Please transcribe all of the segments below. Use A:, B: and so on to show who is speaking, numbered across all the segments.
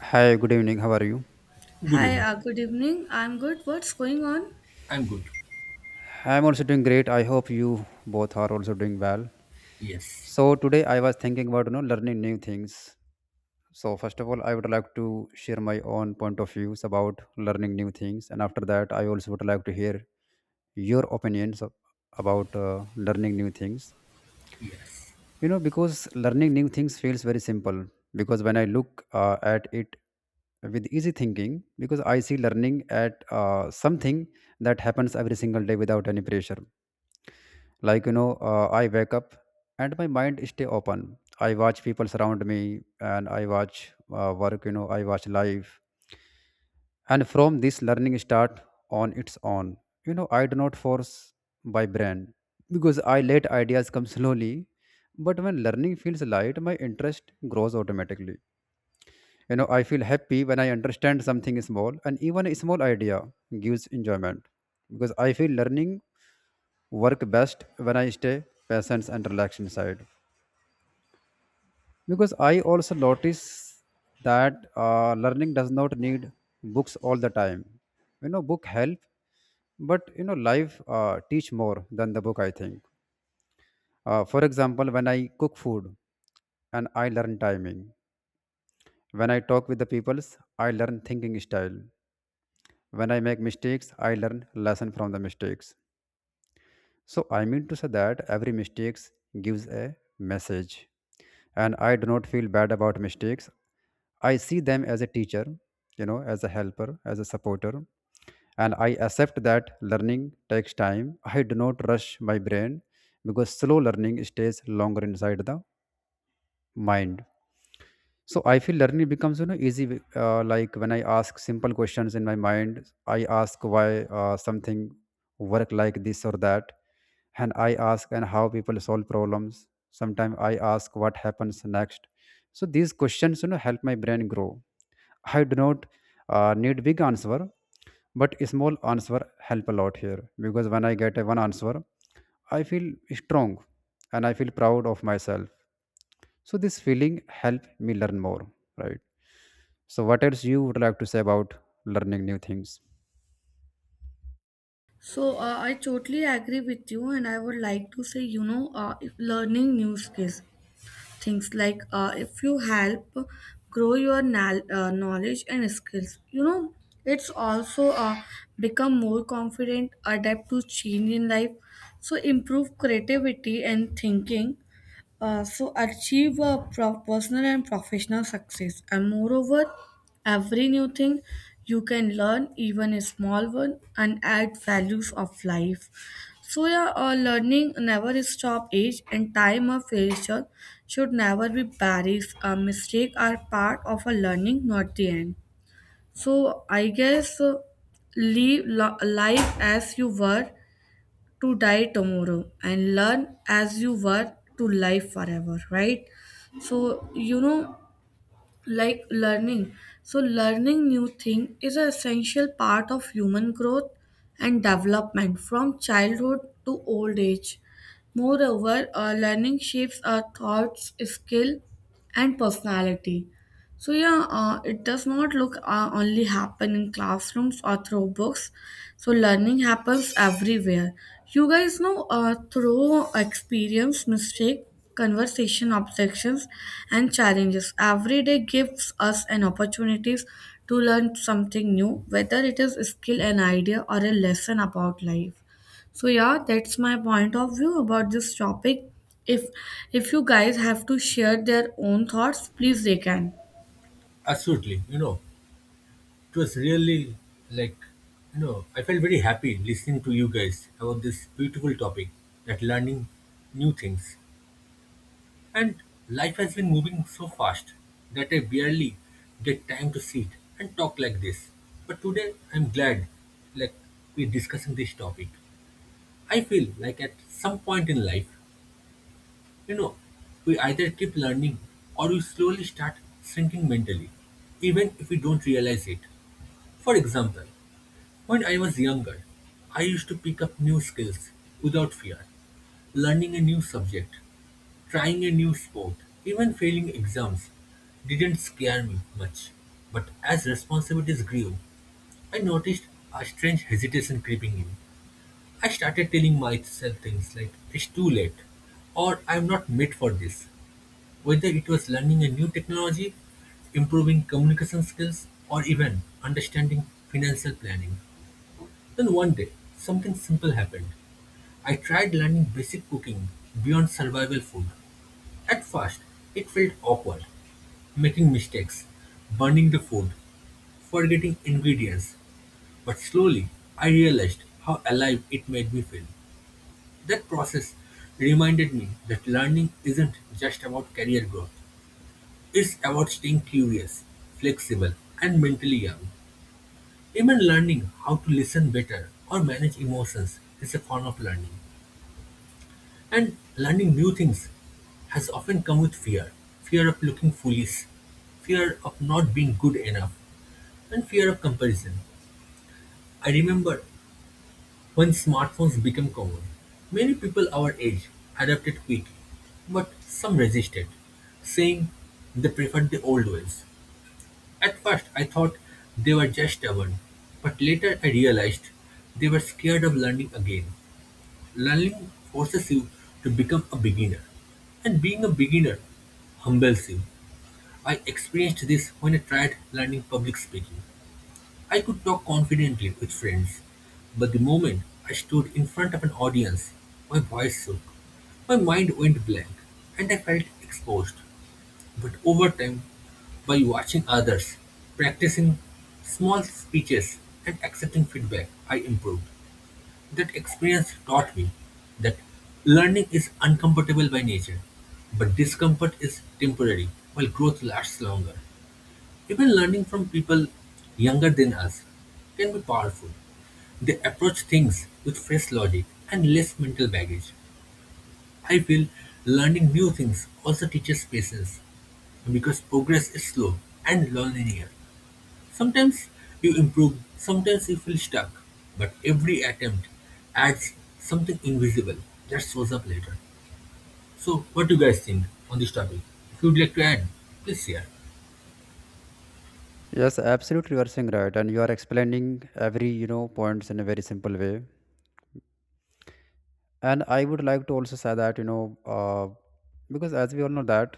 A: Hi, good evening. How are you?
B: Good
C: Hi,
B: evening.
C: good evening. I'm good. What's going on?
B: I'm good.
A: I'm also doing great. I hope you both are also doing well.
B: Yes,
A: So today I was thinking about learning new things. So first of all, I would like to share my own point of views about learning new things, and after that, I also would like to hear your about learning new things.
B: yes,
A: You know, because learning new things feels very simple. Because when I look at it with easy thinking, because I see learning at something that happens every single day without any pressure like I wake up and my mind stay open. I watch people surround me and I watch work. You know, I watch life, and from this learning start on its own. You know, I do not force by brand because I let ideas come slowly, but when learning feels light my interest grows automatically. You know, I feel happy when I understand something small, and even a small idea gives enjoyment, because I feel learning work best when I stay patient and relaxed inside. Because I also notice that learning does not need books all the time. You know, book help, but you know life teach more than the book, I think. For example, when I cook food and I learn timing, when I talk with the peoples I learn thinking style, when I make mistakes I learn lesson from the mistakes. So I mean to say that every mistakes gives a message, and I do not feel bad about mistakes. I see them as a teacher, you know, as a helper, as a supporter, and I accept that learning takes time. I do not rush my brain because slow learning stays longer inside the mind. So I feel learning becomes easy. Like when I ask simple questions in my mind, I ask why something work like this or that, and I ask and how people solve problems. Sometimes I ask what happens next. So these questions help my brain grow. I do not need big answer, but small answer help a lot here, because when I get a one answer, I feel strong and I feel proud of myself. So this feeling help me learn more, right? So what else you would like to say about learning new things?
C: So, I totally agree with you, and I would like to say, you know, if learning new skills, things like if you help grow your knowledge and skills, you know, it's also become more confident, adapt to change in life, so improve creativity and thinking. So achieve a personal and professional success. And moreover, every new thing you can learn, even a small one, and add values of life. So yeah, learning never stop age, and time of failure should never be barriers. A mistake are part of a learning, not the end. So I guess, live life as you were to die tomorrow and learn as you were to live forever, right? So, you know, like learning. So, learning new thing is an essential part of human growth and development from childhood to old age. Moreover, learning shapes our thoughts, skill, and personality. So yeah, it does not look only happen in classrooms or through books. So learning happens everywhere. You guys know through experience, mistake, conversation, objections, and challenges. Every day gives us an opportunities to learn something new, whether it is a skill, an idea, or a lesson about life. So yeah, that's my point of view about this topic. If if you guys have to share their own thoughts, please they can.
B: absolutely. You know, it was really like, you know, I felt very happy listening to you guys about this beautiful topic that learning new things. And life has been moving so fast that I barely get time to sit and talk like this. But today I'm glad like we're discussing this topic. I feel like at some point in life, you know, we either keep learning or we slowly start shrinking mentally, even if we don't realize it. For example, when I was younger, I used to pick up new skills without fear, learning a new subject, trying a new sport, even failing exams didn't scare me much. But as responsibilities grew, I noticed a strange hesitation creeping in. I started telling myself things like, it's too late, or I'm not made for this. Whether it was learning a new technology, improving communication skills, or even understanding financial planning. Then one day, something simple happened. I tried learning basic cooking beyond survival food. At first, it felt awkward, making mistakes, burning the food, forgetting ingredients. But slowly, I realized how alive it made me feel. That process reminded me that learning isn't just about career growth, it's about staying curious, flexible, and mentally young. Even learning how to listen better or manage emotions is a form of learning. And learning new things has often come with fear, fear of looking foolish, fear of not being good enough, and fear of comparison. I remember when smartphones became common, many people our age adapted quickly, but some resisted, saying they preferred the old ways. At first, I thought they were just stubborn, but later I realized they were scared of learning again. Learning forces you to become a beginner, and being a beginner humbles you. I experienced this when I tried learning public speaking. I could talk confidently with friends, but the moment I stood in front of an audience, my voice shook. My mind went blank, and I felt exposed. But over time, by watching others, practicing small speeches, and accepting feedback, I improved. That experience taught me that learning is uncomfortable by nature, but discomfort is temporary, while growth lasts longer. Even learning from people younger than us can be powerful. They approach things with fresh logic and less mental baggage. I feel learning new things also teaches patience because progress is slow and non-linear. Sometimes you improve, sometimes you feel stuck, but every attempt adds something invisible that shows up later. So, what do you guys think on this topic? If you'd like to add, please share.
A: Yes, absolutely, you are saying right, and you are explaining every points in a very simple way. And I would like to also say that because as we all know that,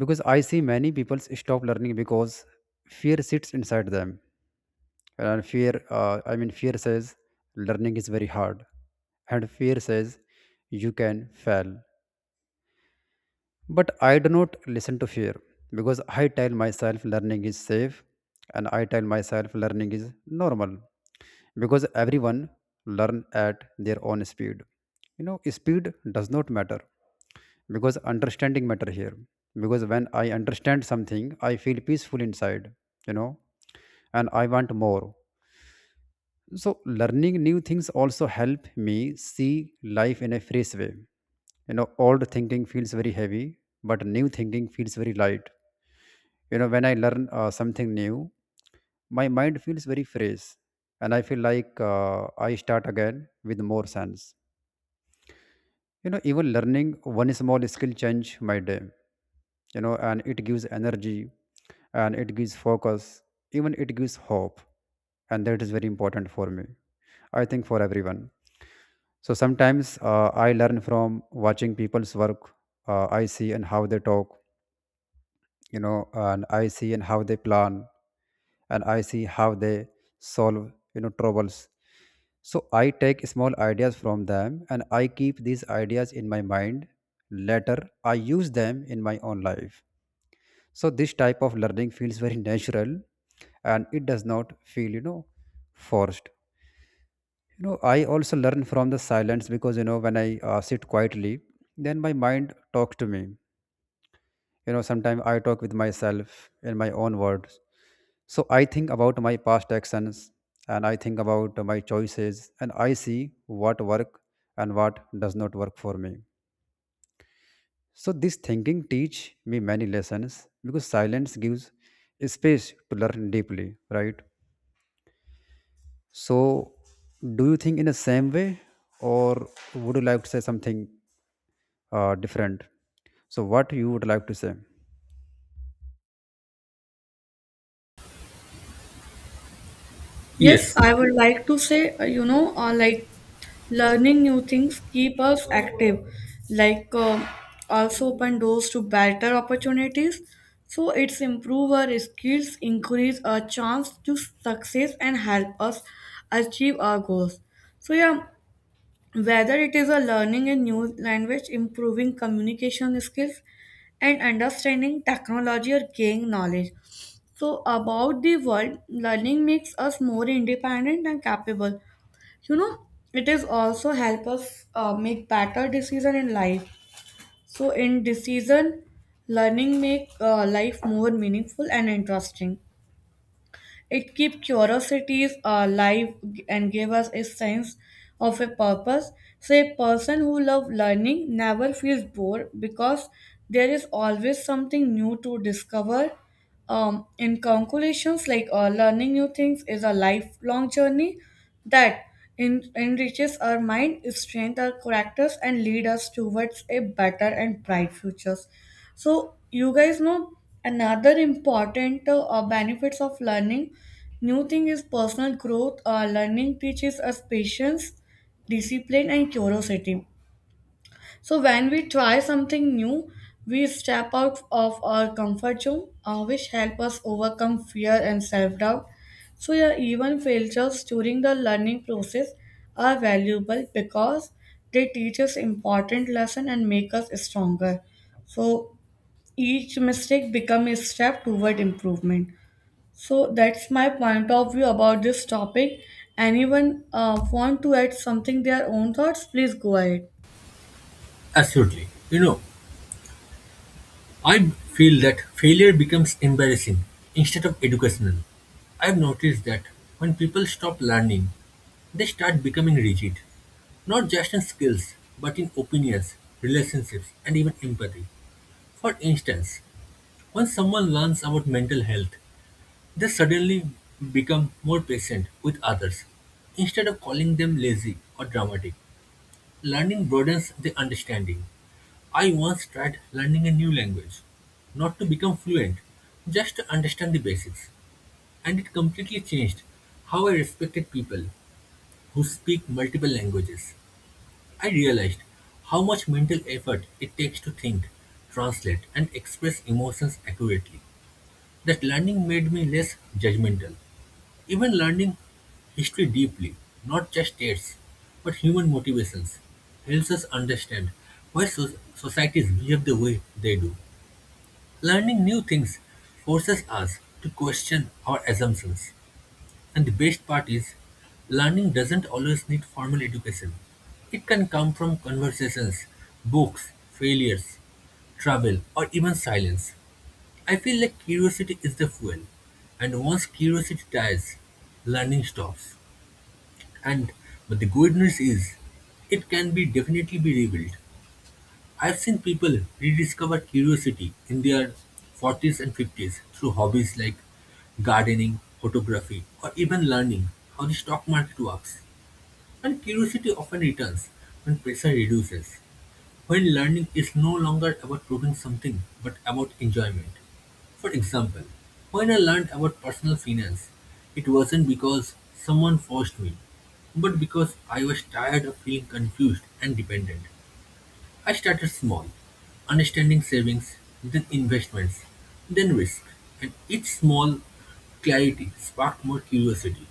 A: because I see many people stop learning because fear sits inside them, and fear I mean fear says learning is very hard, and fear says you can fail. But I do not listen to fear, because I tell myself learning is safe, and I tell myself learning is normal, because everyone learn at their own speed. You know, speed does not matter because understanding matter here, because when I understand something, I feel peaceful inside, you know, and I want more. So learning new things also help me see life in a fresh way. You know, old thinking feels very heavy, but new thinking feels very light. You know, when I learn something new, my mind feels very fresh, and I feel like I start again with more sense. You know, even learning one small skill change my day. You know, and it gives energy, and it gives focus, even it gives hope, and that is very important for me. I think for everyone. So sometimes I learn from watching people's work. I see and how they talk, you know, and I see and how they plan, and I see how they solve, you know, troubles. So I take small ideas from them and I keep these ideas in my mind. Later, I use them in my own life. So this type of learning feels very natural, and it does not feel, you know, forced. You know, I also learn from the silence, because you know when I sit quietly, then my mind talks to me. You know, sometimes I talk with myself in my own words. So I think about my past actions, and I think about my choices, and I see what work and what does not work for me. So this thinking teach me many lessons, because silence gives space to learn deeply, right? So do you think in the same way, or would you like to say something different? So, what you would like to say?
C: Yes,
B: Yes,
C: I would like to say, you know, like learning new things keep us active, like also open doors to better opportunities. So it's improve our skills, increase our chance to success, and help us achieve our goals. So yeah, whether it is a learning a new language, improving communication skills, and understanding technology or gaining knowledge. So, about the world, learning makes us more independent and capable. You know, it is also help us make better decision in life. So, in decision, learning make life more meaningful and interesting. It kept curiosities alive and gave us a sense of a purpose. So, a person who loves learning never feels bored because there is always something new to discover. In conclusions, like learning new things is a lifelong journey that enriches our mind, strengthens our characters, and lead us towards a better and bright futures. So you guys know another important benefits of learning. New thing is personal growth. Learning teaches us patience, discipline, and curiosity. So when we try something new, we step out of our comfort zone, which help us overcome fear and self-doubt. So yeah, even failures during the learning process are valuable because they teach us important lesson and make us stronger. So each mistake become a step toward improvement. So that's my point of view about this topic. Anyone want to add something their own thoughts? Please go ahead.
B: absolutely. You know, I feel that failure becomes embarrassing instead of educational. I've noticed that when people stop learning, they start becoming rigid, not just in skills, but in opinions, relationships, and even empathy. For instance, when someone learns about mental health, they suddenly become more patient with others instead of calling them lazy or dramatic. Learning broadens the understanding. I once tried learning a new language, not to become fluent, just to understand the basics, and it completely changed how I respected people who speak multiple languages. I realized how much mental effort it takes to think, translate, and express emotions accurately. That learning made me less judgmental, even learning history deeply, not just dates, but human motivations, helps us understand why societies behave the way they do. Learning new things forces us to question our assumptions. And the best part is, learning doesn't always need formal education. It can come from conversations, books, failures, travel, or even silence. I feel like curiosity is the fuel, and once curiosity dies, learning stops. And but the good news is, it can be definitely be rebuilt. I've seen people rediscover curiosity in their 40s and 50s through hobbies like gardening, photography, or even learning how the stock market works. And curiosity often returns when pressure reduces, when learning is no longer about proving something but about enjoyment. For example, when I learned about personal finance, it wasn't because someone forced me, but because I was tired of feeling confused and dependent. I started small, understanding savings, then investments, then risk, and each small clarity sparked more curiosity.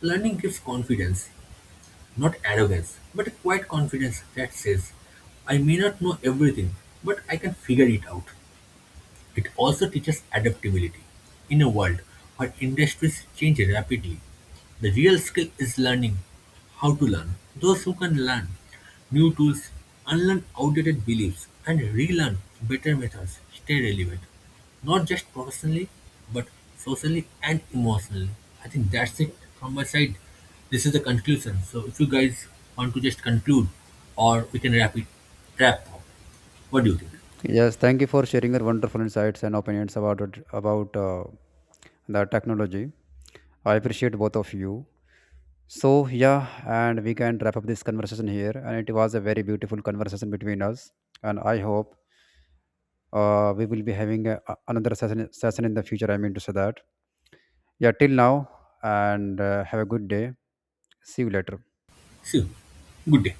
B: Learning gives confidence, not arrogance, but a quiet confidence that says, I may not know everything, but I can figure it out. It also teaches adaptability. In a world where industries change rapidly, the real skill is learning how to learn. Those who can learn new tools, unlearn outdated beliefs, and relearn better methods stay relevant, not just professionally, but socially and emotionally. I think that's it from my side. This is the conclusion. So if you guys want to just conclude, or we can wrap it, wrap up. What do you think?
A: Yes, thank you for sharing your wonderful insights and opinions about it, about the technology. I appreciate both of you. So yeah, and we can wrap up this conversation here. And it was a very beautiful conversation between us. And I hope we will be having another session in the future. I mean to say that. Yeah, till now, and have a good day. See you later.
B: See you. Good day.